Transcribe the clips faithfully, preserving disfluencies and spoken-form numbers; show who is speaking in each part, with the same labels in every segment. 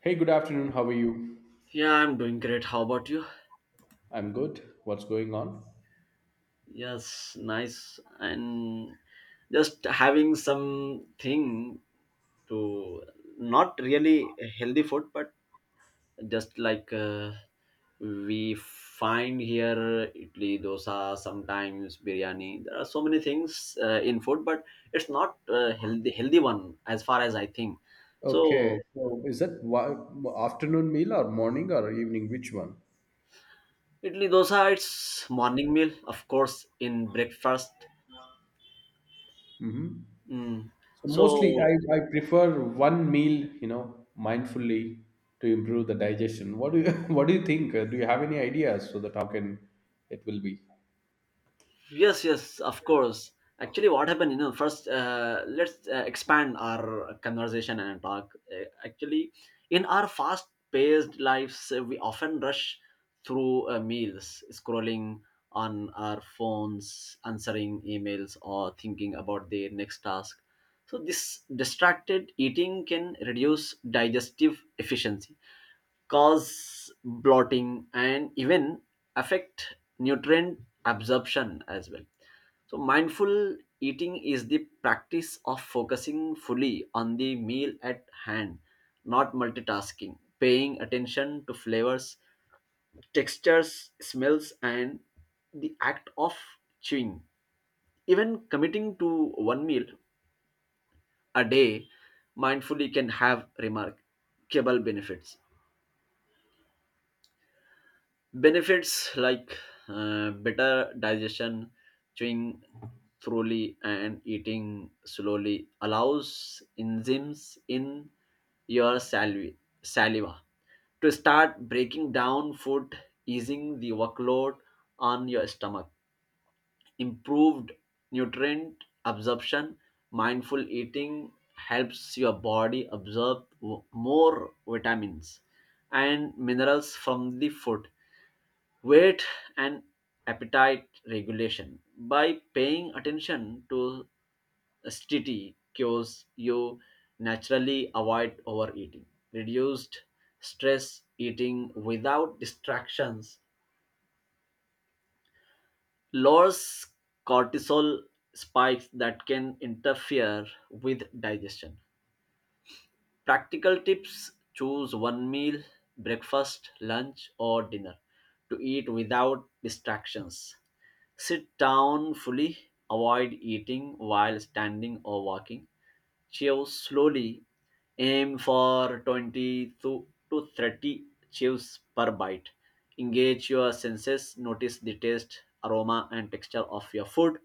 Speaker 1: Hey, good afternoon. How are you?
Speaker 2: Yeah, I'm doing great. How about you?
Speaker 1: I'm good. What's going on?
Speaker 2: Yes, nice. And just having something to not really healthy food, but just like uh, we find here idli, dosa, sometimes biryani. There are so many things uh, in food, but it's not uh, healthy healthy one as far as I think.
Speaker 1: Okay.
Speaker 2: So
Speaker 1: So, is that wa- afternoon meal or morning or evening? Which one?
Speaker 2: idli, dosa, it's morning meal, of course, in breakfast.
Speaker 1: hmm
Speaker 2: Mm.
Speaker 1: So, mostly
Speaker 2: So
Speaker 1: I, I prefer one meal, you know, mindfully to improve the digestion. What do you What do you think? Uh, Do you have any ideas so that how can it will be?
Speaker 2: yes, yes, of course. Actually, what happened, you know, first, uh, let's uh, expand our conversation and talk. Uh, actually, in our fast paced lives, uh, we often rush through uh, meals, scrolling on our phones, answering emails, or thinking about the next task. So, this distracted eating can reduce digestive efficiency, cause bloating and even affect nutrient absorption as well. So, mindful eating is the practice of focusing fully on the meal at hand, not multitasking, paying attention to flavors, textures, smells, and the act of chewing. Even committing to one meal a day mindfully can have remarkable benefits. Benefits like uh, better digestion, chewing thoroughly, and eating slowly allows enzymes in your saliva, saliva to start breaking down food, easing the workload on your stomach. Improved nutrient absorption, mindful eating helps your body absorb w- more vitamins and minerals from the food. Weight and appetite regulation: by paying attention to S T T cues, you naturally avoid overeating. Reduced stress eating without distractions lowers cortisol spikes that can interfere with digestion. Practical tips: choose one meal, breakfast, lunch, or dinner, to eat without distractions. Sit down fully, avoid eating while standing or walking. Chew slowly, aim for twenty to to thirty chews per bite. Engage your senses, notice the taste, aroma, and texture of your food.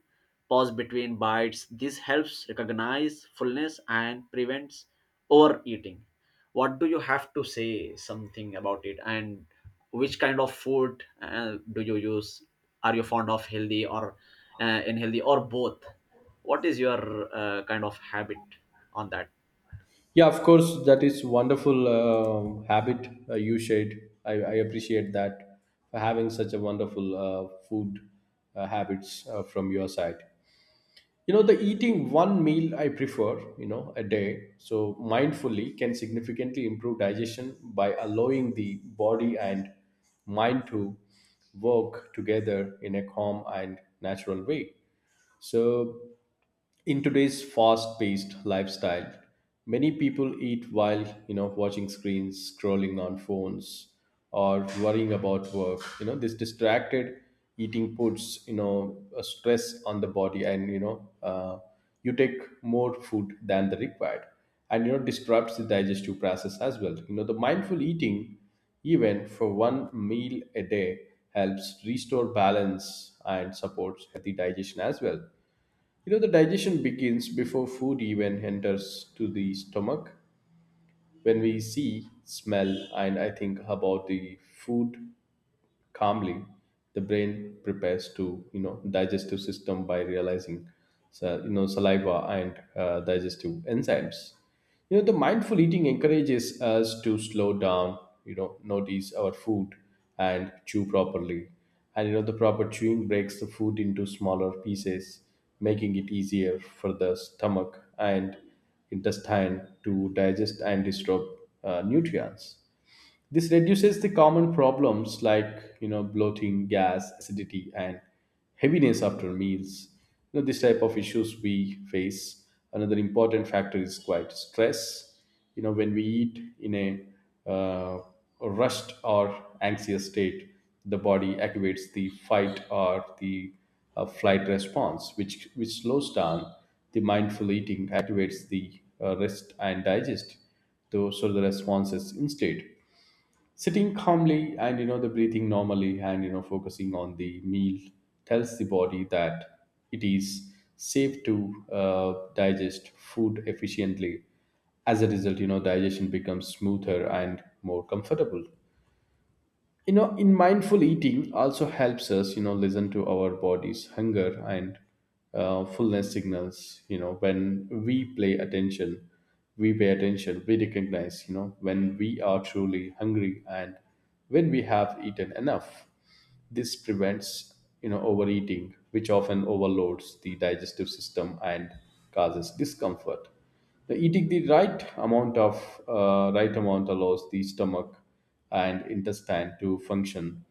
Speaker 2: Pause between bites. This helps recognize fullness and prevents overeating. What do you have to say something about it? And which kind of food uh, do you use? Are you fond of healthy or uh, unhealthy or both? What is your uh, kind of habit on that?
Speaker 1: Yeah, of course. That is wonderful uh, habit uh, you shared. I, I appreciate that for having such a wonderful uh, food uh, habits uh, from your side. You know, the eating one meal I prefer, you know, a day, so mindfully can significantly improve digestion by allowing the body and mind to work together in a calm and natural way. So, in today's fast-paced lifestyle, many people eat while, you know, watching screens, scrolling on phones, or worrying about work. You know, this distracted eating puts, you know, a stress on the body, and, you know, uh, you take more food than the required, and, you know, disrupts the digestive process as well. You know, the mindful eating even for one meal a day helps restore balance and supports healthy digestion as well. You know, the digestion begins before food even enters to the stomach. When we see, smell, and I think about the food, calmly, the brain prepares to, you know, digestive system by realizing sa- you know, saliva and uh, digestive enzymes. You know, the mindful eating encourages us to slow down, you know, notice our food and chew properly. And, you know, the proper chewing breaks the food into smaller pieces, making it easier for the stomach and intestine to digest and disturb uh, nutrients. This reduces the common problems like, you know, bloating, gas, acidity, and heaviness after meals. You know, this type of issues we face. Another important factor is quite stress. You know, when we eat in a uh, rushed or anxious state, the body activates the fight or the uh, flight response, which which slows down. The mindful eating activates the uh, rest and digest, though, so the responses instead, sitting calmly and, you know, the breathing normally, and, you know, focusing on the meal tells the body that it is safe to uh, digest food efficiently. As a result, you know, digestion becomes smoother and more comfortable. You know, in mindful eating also helps us, you know, listen to our body's hunger and uh, fullness signals. You know, when we play attention we pay attention, we recognize, you know, when we are truly hungry and when we have eaten enough. This prevents, you know, overeating, which often overloads the digestive system and causes discomfort. The eating the right amount of uh, right amount allows the stomach and intestine to function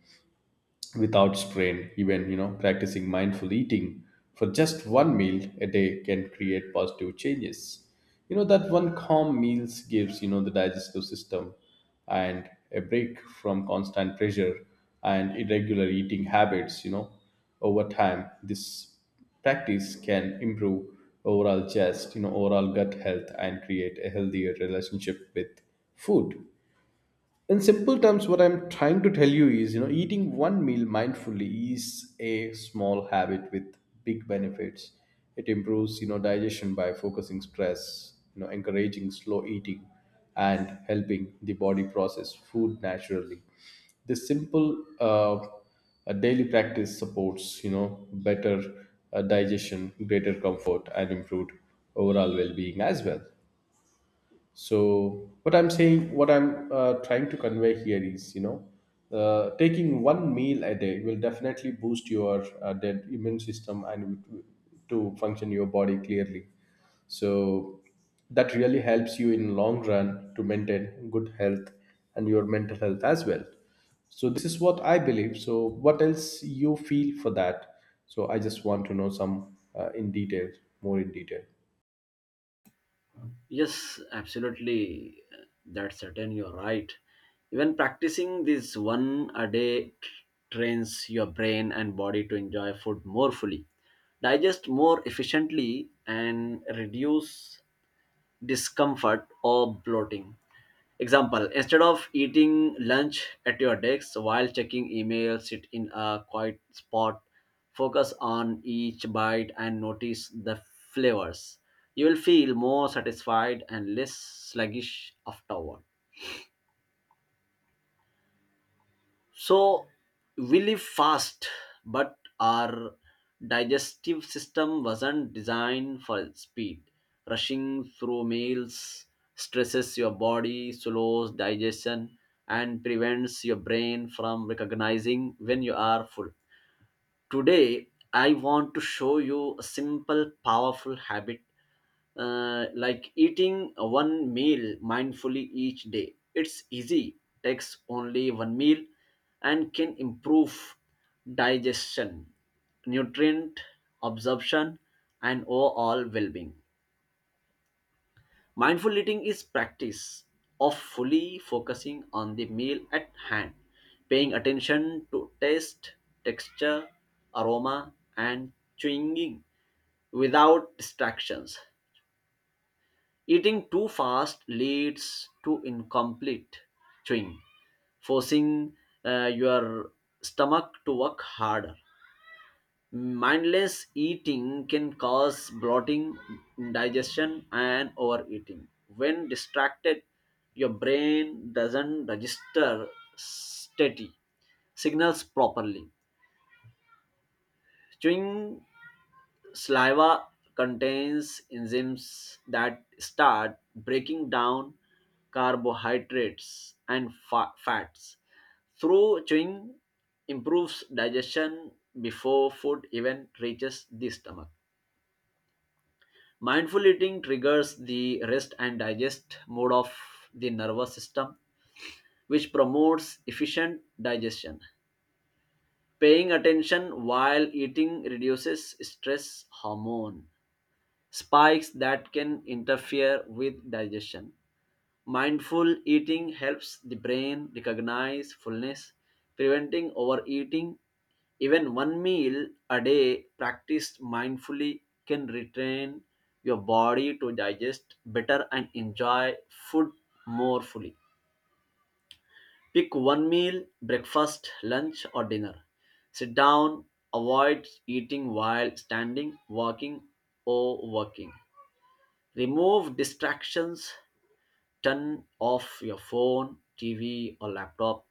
Speaker 1: without strain. Even, you know, practicing mindful eating for just one meal a day can create positive changes. You know, that one calm meals gives, you know, the digestive system and a break from constant pressure and irregular eating habits. You know, over time, this practice can improve overall chest you know, overall gut health, and create a healthier relationship with food. In simple terms, what I'm trying to tell you is, you know, eating one meal mindfully is a small habit with big benefits. It improves, you know, digestion by focusing stress, you know, encouraging slow eating, and helping the body process food naturally. This simple uh, uh, daily practice supports, you know, better uh, digestion, greater comfort, and improved overall well-being as well. So what I'm saying, what I'm uh, trying to convey here is, you know, uh, taking one meal a day will definitely boost your uh, dead immune system and to function your body clearly. So that really helps you in long run to maintain good health and your mental health as well. So this is what I believe. So what else you feel for that? So I just want to know some, uh, in detail, more in detail.
Speaker 2: Yes, absolutely. That's certain. You're right. Even practicing this one a day t- trains your brain and body to enjoy food more fully, digest more efficiently, and reduce discomfort or bloating. Example, instead of eating lunch at your desk while checking email, sit in a quiet spot, focus on each bite and notice the flavors. You will feel more satisfied and less sluggish afterward. So we live fast, but our digestive system wasn't designed for speed. Rushing through meals stresses your body, slows digestion, and prevents your brain from recognizing when you are full. Today, I want to show you a simple, powerful habit uh, like eating one meal mindfully each day. It's easy, takes only one meal, and can improve digestion, nutrient absorption, and overall well being. Mindful eating is practice of fully focusing on the meal at hand, paying attention to taste, texture, aroma, and chewing without distractions. Eating too fast leads to incomplete chewing, forcing uh, your stomach to work harder. Mindless eating can cause bloating, indigestion, and overeating. When distracted, your brain doesn't register steady signals properly. Chewing saliva contains enzymes that start breaking down carbohydrates and fa- fats. Through chewing improves digestion before food even reaches the stomach. Mindful eating triggers the rest and digest mode of the nervous system, which promotes efficient digestion. Paying attention while eating reduces stress hormone spikes that can interfere with digestion. Mindful eating helps the brain recognize fullness, preventing overeating. Even one meal a day practiced mindfully can retrain your body to digest better and enjoy food more fully. Pick one meal: breakfast, lunch, or dinner. Sit down, avoid eating while standing, walking, or working. Remove distractions, turn off your phone, T V, or laptop.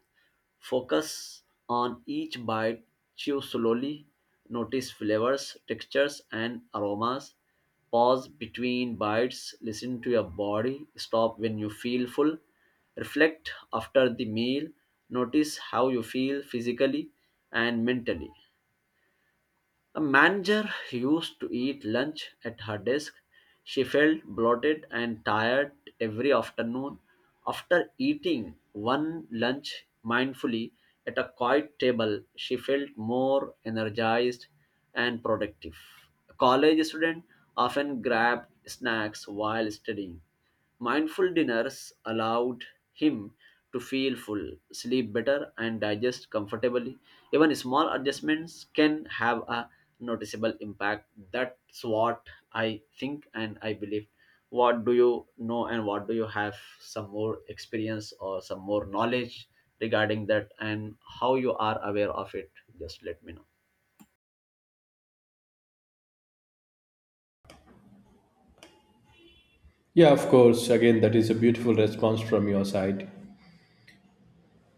Speaker 2: Focus on each bite, chew slowly, notice flavors, textures, and aromas. Pause between bites, listen to your body, stop when you feel full, reflect after the meal, notice how you feel physically and mentally. The manager used to eat lunch at her desk. She felt bloated and tired every afternoon. After eating one lunch mindfully at a quiet table, she felt more energized and productive. A college student often grabbed snacks while studying. Mindful dinners allowed him to feel full, sleep better, and digest comfortably. Even small adjustments can have a noticeable impact. That's what I think and I believe. What do you know and what do you have some more experience or some more knowledge regarding that, and how you are aware of it? Just let me know.
Speaker 1: Yeah, of course. Again, that is a beautiful response from your side.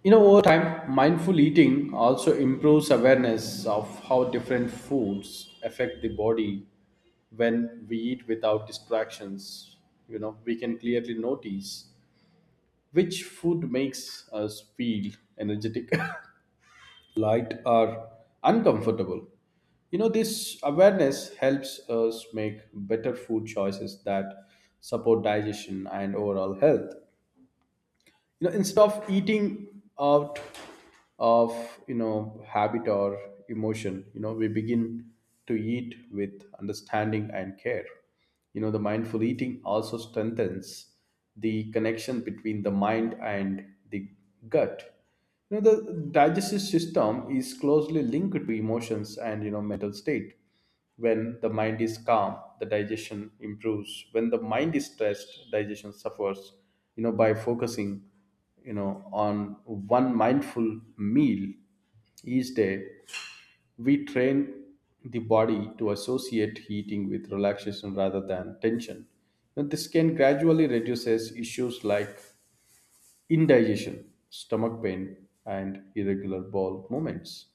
Speaker 1: You know, over time, mindful eating also improves awareness of how different foods affect the body when we eat without distractions. You know, we can clearly notice which food makes us feel energetic, light, or uncomfortable. You know, this awareness helps us make better food choices that support digestion and overall health. You know, instead of eating out of, you know, habit or emotion, you know, we begin to eat with understanding and care. You know, the mindful eating also strengthens the connection between the mind and the gut. You know, the digestive system is closely linked to emotions and, you know, mental state. When the mind is calm, the digestion improves. When the mind is stressed, digestion suffers. You know, by focusing, you know, on one mindful meal each day, we train the body to associate heating with relaxation rather than tension. Now, this can gradually reduces issues like indigestion, stomach pain, and irregular bowel movements.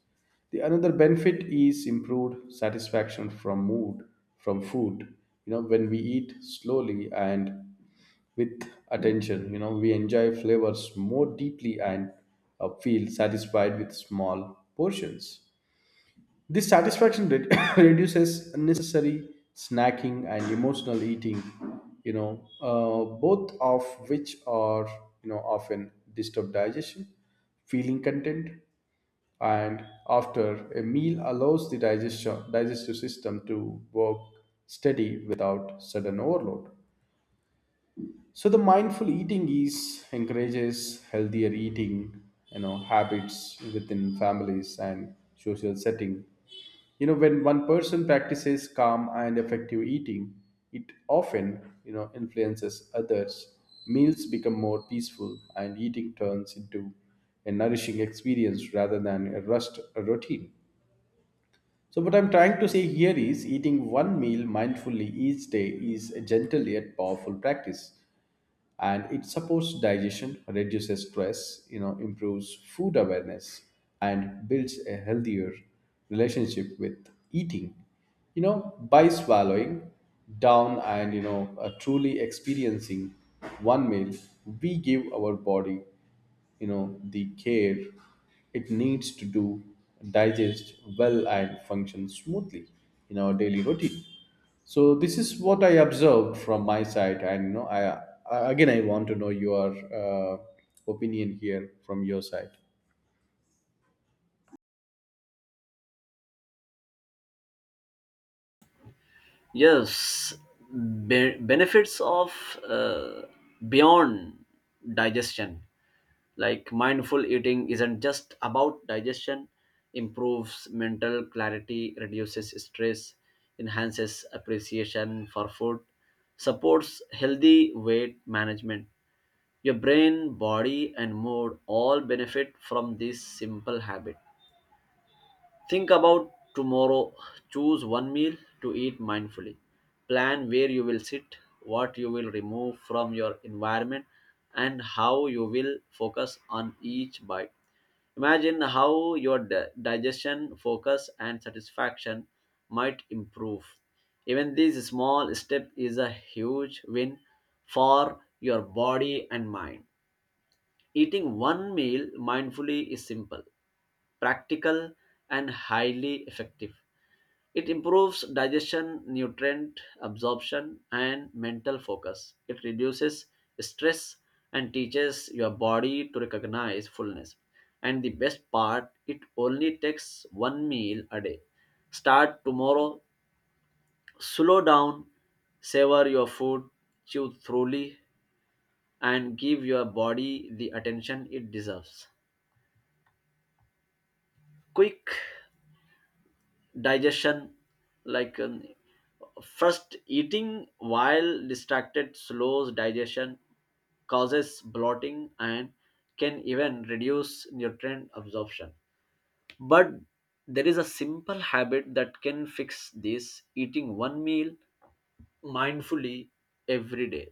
Speaker 1: The another benefit is improved satisfaction from mood from food. You know, when we eat slowly and with attention, you know, we enjoy flavors more deeply and uh, feel satisfied with small portions. This satisfaction re- reduces unnecessary snacking and emotional eating, you know, uh, both of which are, you know, often disturb digestion, feeling content, and after a meal allows the digestion digestive system to work steady without sudden overload. So the mindful eating is encourages healthier eating, you know, habits within families and social setting. You know, when one person practices calm and effective eating, it often, you know, influences others. Meals become more peaceful and eating turns into a nourishing experience rather than a rust a routine. So what I'm trying to say here is eating one meal mindfully each day is a gentle yet powerful practice, and it supports digestion, reduces stress, you know, improves food awareness and builds a healthier relationship with eating. You know, by swallowing down and, you know, uh, truly experiencing one meal, we give our body, you know, the care it needs to do digest well and function smoothly in our daily routine. So this is what I observed from my side. And, you know, i, I again i want to know your uh, opinion here from your side.
Speaker 2: Yes, be- benefits of uh, beyond digestion, like mindful eating isn't just about digestion. Improves mental clarity, reduces stress, enhances appreciation for food, supports healthy weight management. Your brain, body and mood all benefit from this simple habit. Think about tomorrow. Choose one meal to eat mindfully. Plan where you will sit, what you will remove from your environment, and how you will focus on each bite. Imagine how your di- digestion, focus, and satisfaction might improve. Even this small step is a huge win for your body and mind. Eating one meal mindfully is simple, practical, and highly effective. It improves digestion, nutrient absorption, and mental focus. It reduces stress and teaches your body to recognize fullness. And the best part, it only takes one meal a day. Start tomorrow, slow down, savor your food, chew thoroughly, and give your body the attention it deserves. Quick digestion, like um, first, eating while distracted slows digestion, causes bloating and can even reduce nutrient absorption. But there is a simple habit that can fix this: eating one meal mindfully every day.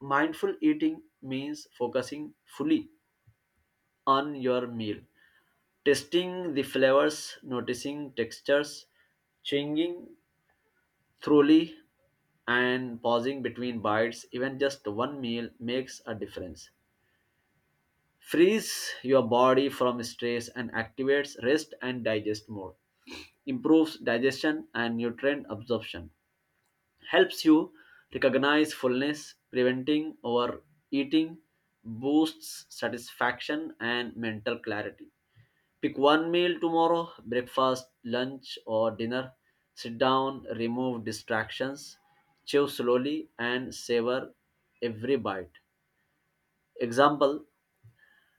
Speaker 2: Mindful eating means focusing fully on your meal, tasting the flavors, noticing textures, chewing thoroughly, and pausing between bites. Even just one meal makes a difference. Frees your body from stress and activates rest and digest mode. Improves digestion and nutrient absorption. Helps you recognize fullness, preventing overeating, boosts satisfaction and mental clarity. Pick one meal tomorrow: breakfast, lunch, or dinner. Sit down, remove distractions, chew slowly, and savor every bite. Example: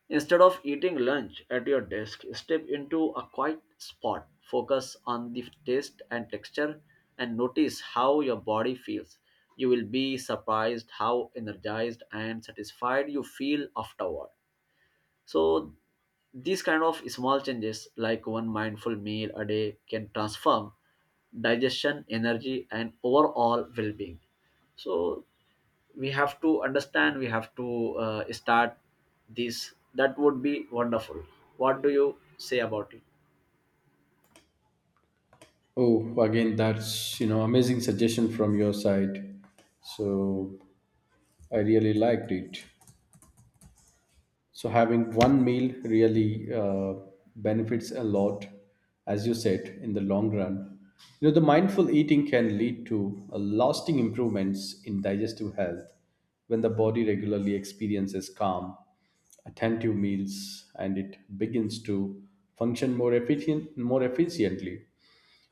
Speaker 2: instead of eating lunch at your desk, step into a quiet spot, focus on the taste and texture, and notice how your body feels. You will be surprised how energized and satisfied you feel afterward. So these kind of small changes, like one mindful meal a day, can transform digestion, energy and overall well-being. So we have to understand, we have to uh, start this. That would be wonderful. What do you say about it?
Speaker 1: Oh, again, that's, you know, amazing suggestion from your side. So I really liked it. So having one meal really uh, benefits a lot, as you said, in the long run. You know, the mindful eating can lead to a lasting improvements in digestive health when the body regularly experiences calm, attentive meals, and it begins to function more efficient, more efficiently.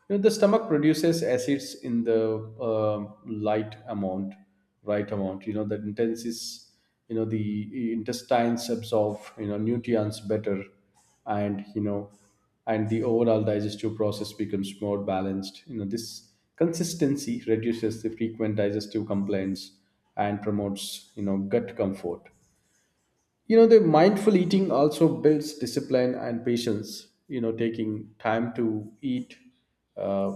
Speaker 1: You know, the stomach produces acids in the uh light amount, right amount. You know, the intense is, you know, the intestines absorb, you know, nutrients better, and, you know, and the overall digestive process becomes more balanced. You know, this consistency reduces the frequent digestive complaints and promotes, you know, gut comfort. You know, the mindful eating also builds discipline and patience. You know, taking time to eat uh,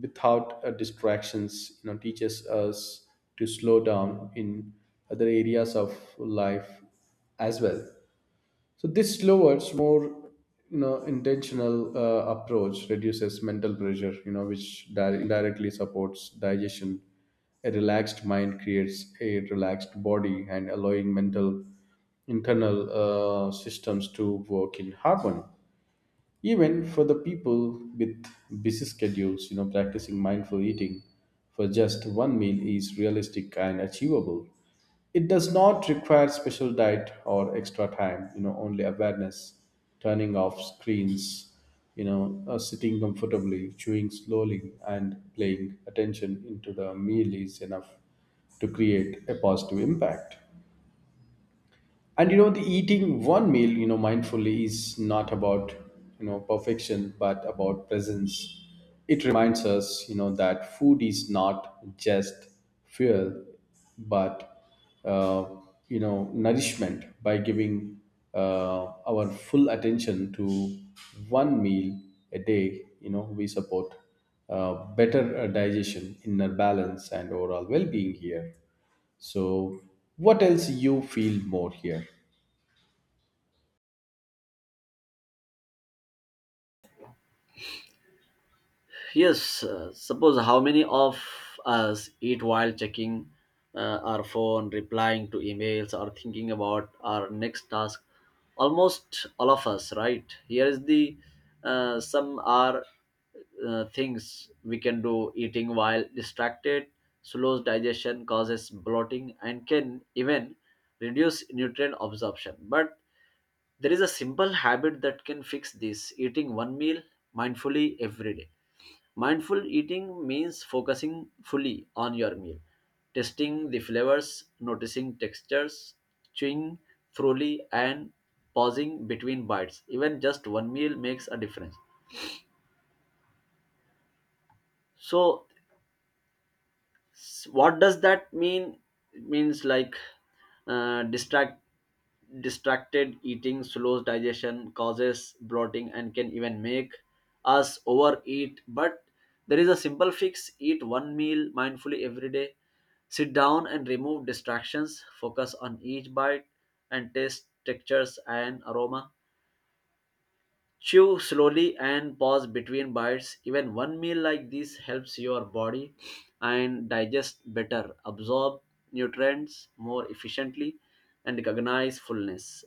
Speaker 1: without uh, distractions, you know, teaches us to slow down in other areas of life as well. So this slower, more, you know, intentional uh, approach reduces mental pressure, you know, which di- indirectly supports digestion. A relaxed mind creates a relaxed body and allowing mental internal uh, systems to work in harmony. Even for the people with busy schedules, you know, practicing mindful eating for just one meal is realistic and achievable. It does not require special diet or extra time. You know, only awareness, turning off screens, you know, uh, sitting comfortably, chewing slowly, and paying attention into the meal is enough to create a positive impact. And, you know, the eating one meal, you know, mindfully is not about, you know, perfection but about presence. It reminds us, you know, that food is not just fuel, but uh, you know, nourishment. By giving uh, our full attention to one meal a day, you know, we support uh, better uh, digestion, inner balance, and overall well-being here. So what else you feel more here?
Speaker 2: Yes, uh, suppose how many of us eat while checking uh, our phone, replying to emails, or thinking about our next task? Almost all of us, right? Here is the uh, some are uh, things we can do. Eating while distracted slows digestion, causes bloating and can even reduce nutrient absorption. But there is a simple habit that can fix this: eating one meal mindfully every day. Mindful eating means focusing fully on your meal, tasting the flavors, noticing textures, chewing thoroughly, and pausing between bites. Even just one meal makes a difference. So, S- what does that mean? It means like, uh, distract distracted eating slows digestion, causes bloating and can even make us overeat. But there is a simple fix: eat one meal mindfully every day. Sit down and remove distractions, focus on each bite and taste, textures and aroma. Chew slowly and pause between bites. Even one meal like this helps your body and digest better, absorb nutrients more efficiently, and recognize fullness.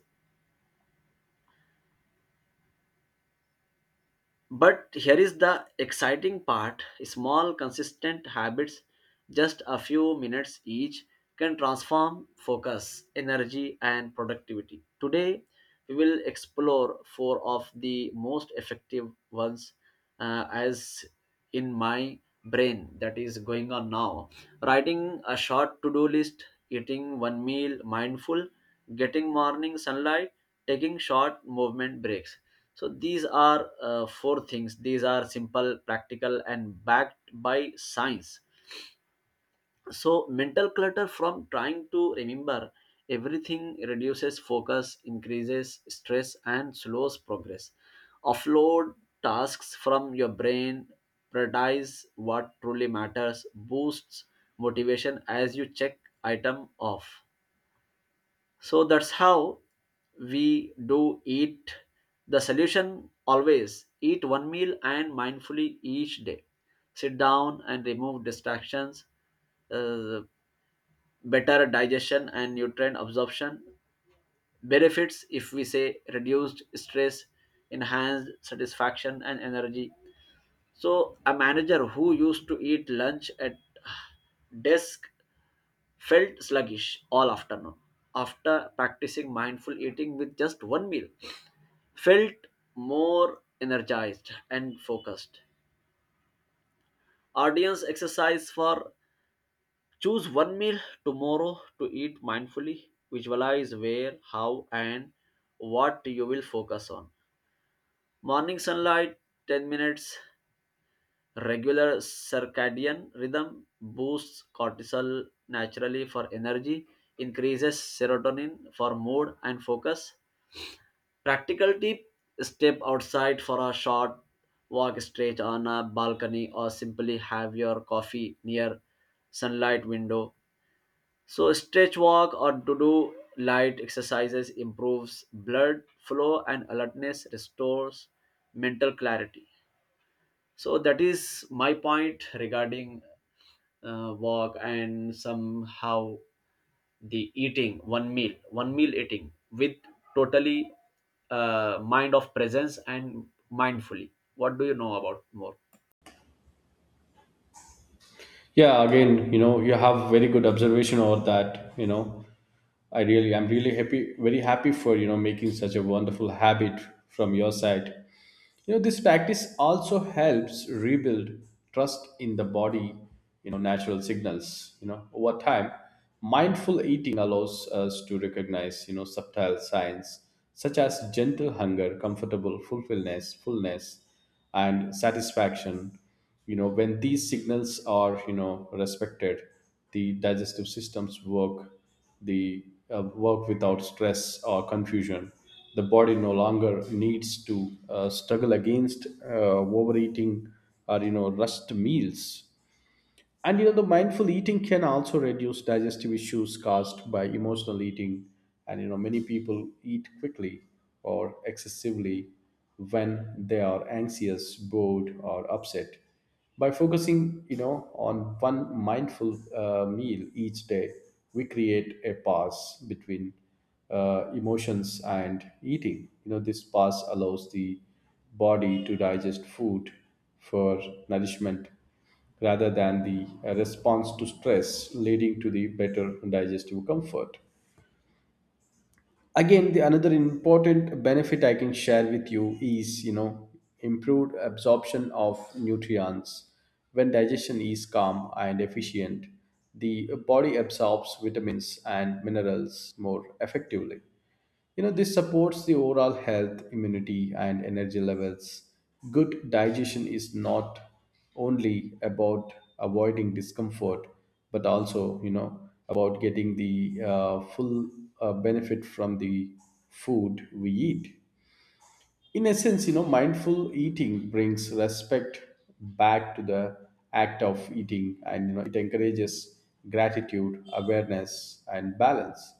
Speaker 2: But here is the exciting part: small, consistent habits, just a few minutes each, can transform focus, energy, and productivity. Today, we will explore four of the most effective ones uh, as in my brain that is going on now. Writing a short to do list, eating one meal mindful, getting morning sunlight, taking short movement breaks. So these are uh, four things. These are simple, practical, and backed by science. So mental clutter from trying to remember everything reduces focus, increases stress, and slows progress. Offload tasks from your brain, prioritize what truly matters, boosts motivation as you check item off. So that's how we do eat. The solution, always eat one meal and mindfully each day. Sit down and remove distractions. uh, Better digestion and nutrient absorption benefits, if we say, reduced stress, enhanced satisfaction, and energy. So a manager who used to eat lunch at desk felt sluggish all afternoon. After practicing mindful eating with just one meal, felt more energized and focused. Audience exercise for, choose one meal tomorrow to eat mindfully. Visualize where, how, and what you will focus on. Morning sunlight, ten minutes. Regular circadian rhythm boosts cortisol naturally for energy, increases serotonin for mood and focus. Practical tip, step outside for a short walk, stretch on a balcony, or simply have your coffee near sunlight window. So stretch, walk, or to do light exercises improves blood flow and alertness, restores mental clarity. So that is my point regarding uh, walk and somehow the eating one meal one meal eating with totally uh, mind of presence and mindfully. What do you know about more?
Speaker 1: Yeah, again, you know, you have very good observation over that. You know, i really i'm really happy, very happy for, you know, making such a wonderful habit from your side. You know, this practice also helps rebuild trust in the body, you know, natural signals. You know, over time, mindful eating allows us to recognize, you know, subtle signs such as gentle hunger, comfortable fulfillness, fullness, and satisfaction. You know, when these signals are, you know, respected, the digestive systems work the uh, work without stress or confusion. The body no longer needs to uh, struggle against uh, overeating or, you know, rushed meals. And, you know, the mindful eating can also reduce digestive issues caused by emotional eating. And, you know, many people eat quickly or excessively when they are anxious, bored, or upset. By focusing, you know, on one mindful uh, meal each day, we create a pause between uh, emotions and eating. You know, this pause allows the body to digest food for nourishment rather than the uh, response to stress, leading to the better digestive comfort. Again, the another important benefit I can share with you is, you know, improved absorption of nutrients. When digestion is calm and efficient, the body absorbs vitamins and minerals more effectively. You know, this supports the overall health, immunity, and energy levels. Good digestion is not only about avoiding discomfort, but also, you know, about getting the uh, full uh, benefit from the food we eat. In essence, you know, mindful eating brings respect back to the act of eating. And, you know, it encourages gratitude, awareness, and balance.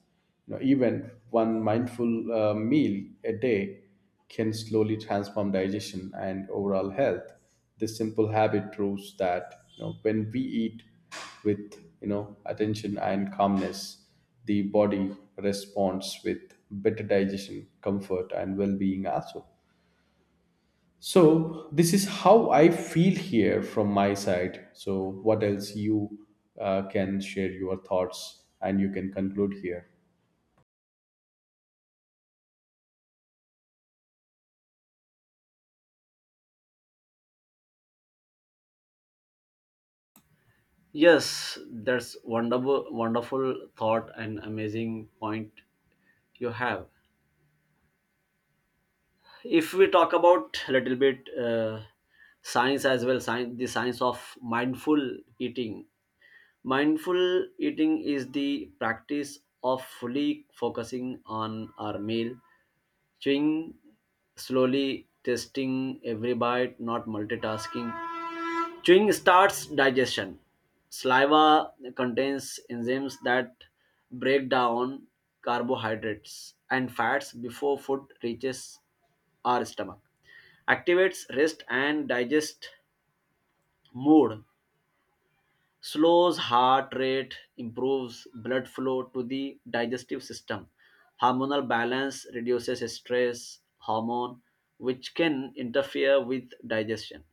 Speaker 1: You know, even one mindful uh, meal a day can slowly transform digestion and overall health. This simple habit proves that, you know, when we eat with, you know, attention and calmness, the body responds with better digestion, comfort, and well-being also. So this is how I feel here from my side. So what else you uh, can share your thoughts, and you can conclude here.
Speaker 2: Yes, that's wonderful, wonderful thought and amazing point you have. If we talk about a little bit uh, science as well, science, the science of mindful eating. Mindful eating is the practice of fully focusing on our meal, chewing slowly, tasting every bite, not multitasking. Chewing starts digestion. Saliva contains enzymes that break down carbohydrates and fats before food reaches our stomach. Activates rest and digest mood, slows heart rate, improves blood flow to the digestive system. Hormonal balance reduces stress hormone, which can interfere with digestion.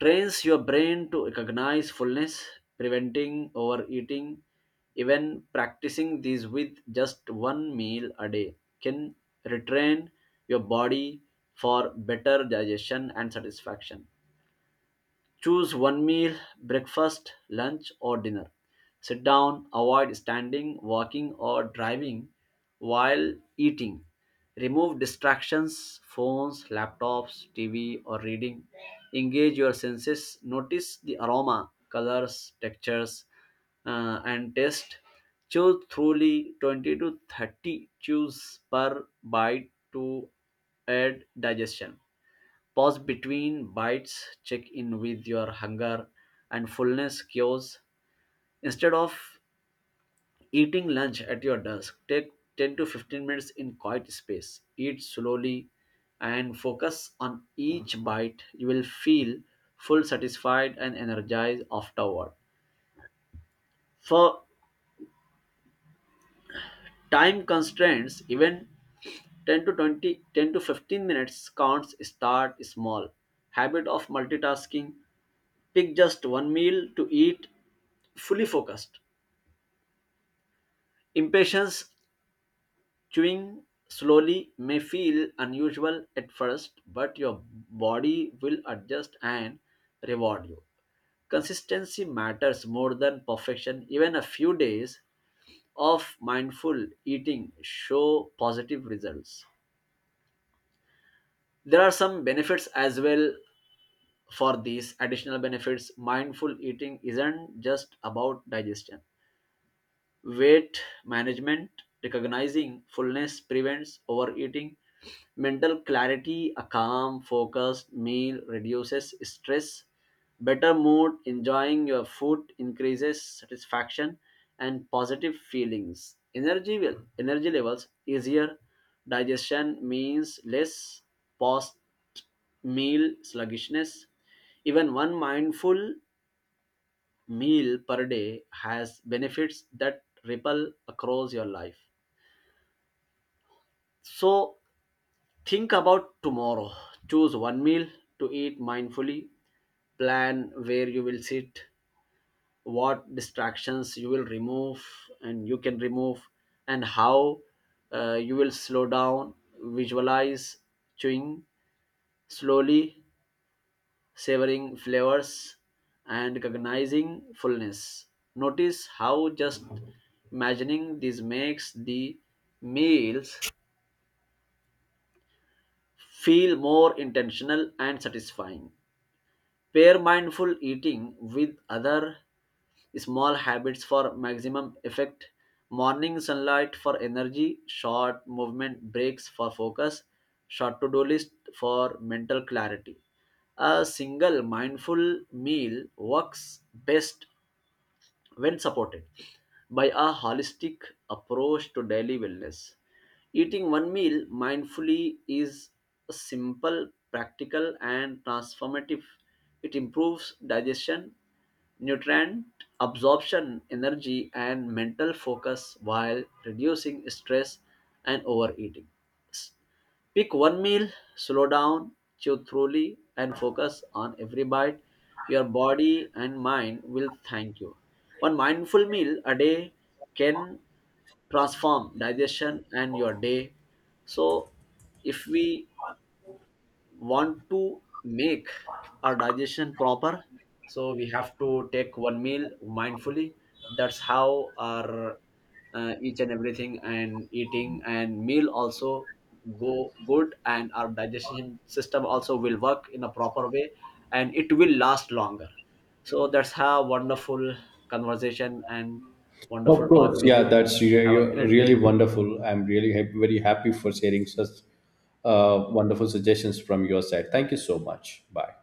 Speaker 2: Trains your brain to recognize fullness, preventing overeating. Even practicing these with just one meal a day can retrain your body for better digestion and satisfaction. Choose one meal, breakfast, lunch, or dinner. Sit down, avoid standing, walking, or driving while eating. Remove distractions, phones, laptops, T V, or reading. Engage your senses. Notice the aroma, colors, textures, uh, and taste. Choose truly twenty to thirty chews per bite to aid digestion. Pause between bites, check in with your hunger and fullness cues. Instead of eating lunch at your desk, take ten to fifteen minutes in quiet space. Eat slowly and focus on each bite. You will feel full, satisfied, and energized afterward. For time constraints, even ten to twenty, ten to fifteen minutes counts. Start small. Habit of multitasking, pick just one meal to eat fully focused. Impatience, chewing slowly may feel unusual at first, but your body will adjust and reward you. Consistency matters more than perfection. Even a few days of mindful eating show positive results. There are some benefits as well for these additional benefits. Mindful eating isn't just about digestion. Weight management, recognizing fullness prevents overeating. Mental clarity, a calm, focused meal reduces stress. Better mood, enjoying your food increases satisfaction and positive feelings. Energy will energy levels easier, digestion means less post meal sluggishness. Even one mindful meal per day has benefits that ripple across your life. So think about tomorrow. Choose one meal to eat mindfully. Plan where you will sit, what distractions you will remove and you can remove, and how uh, you will slow down. Visualize chewing slowly, savoring flavors, and recognizing fullness. Notice how just imagining these makes the meals feel more intentional and satisfying. Pair mindful eating with other small habits for maximum effect. Morning sunlight for energy, short movement breaks for focus, short to do list for mental clarity. A single mindful meal works best when supported by a holistic approach to daily wellness. Eating one meal mindfully is simple, practical, and transformative. It improves digestion, nutrient absorption, energy, and mental focus while reducing stress and overeating. Pick one meal, slow down, chew thoroughly, and focus on every bite. Your body and mind will thank you. One mindful meal a day can transform digestion and your day. So if we want to make our digestion proper, so we have to take one meal mindfully. That's how our uh, each and everything and eating and meal also go good, and our digestion system also will work in a proper way, and it will last longer. So that's how wonderful conversation and wonderful
Speaker 1: Of
Speaker 2: talk
Speaker 1: course,
Speaker 2: with
Speaker 1: yeah,
Speaker 2: you.
Speaker 1: that's
Speaker 2: Have
Speaker 1: really,
Speaker 2: a great
Speaker 1: really
Speaker 2: day.
Speaker 1: wonderful. I'm really ha- very happy for sharing such uh, wonderful suggestions from your side. Thank you so much. Bye.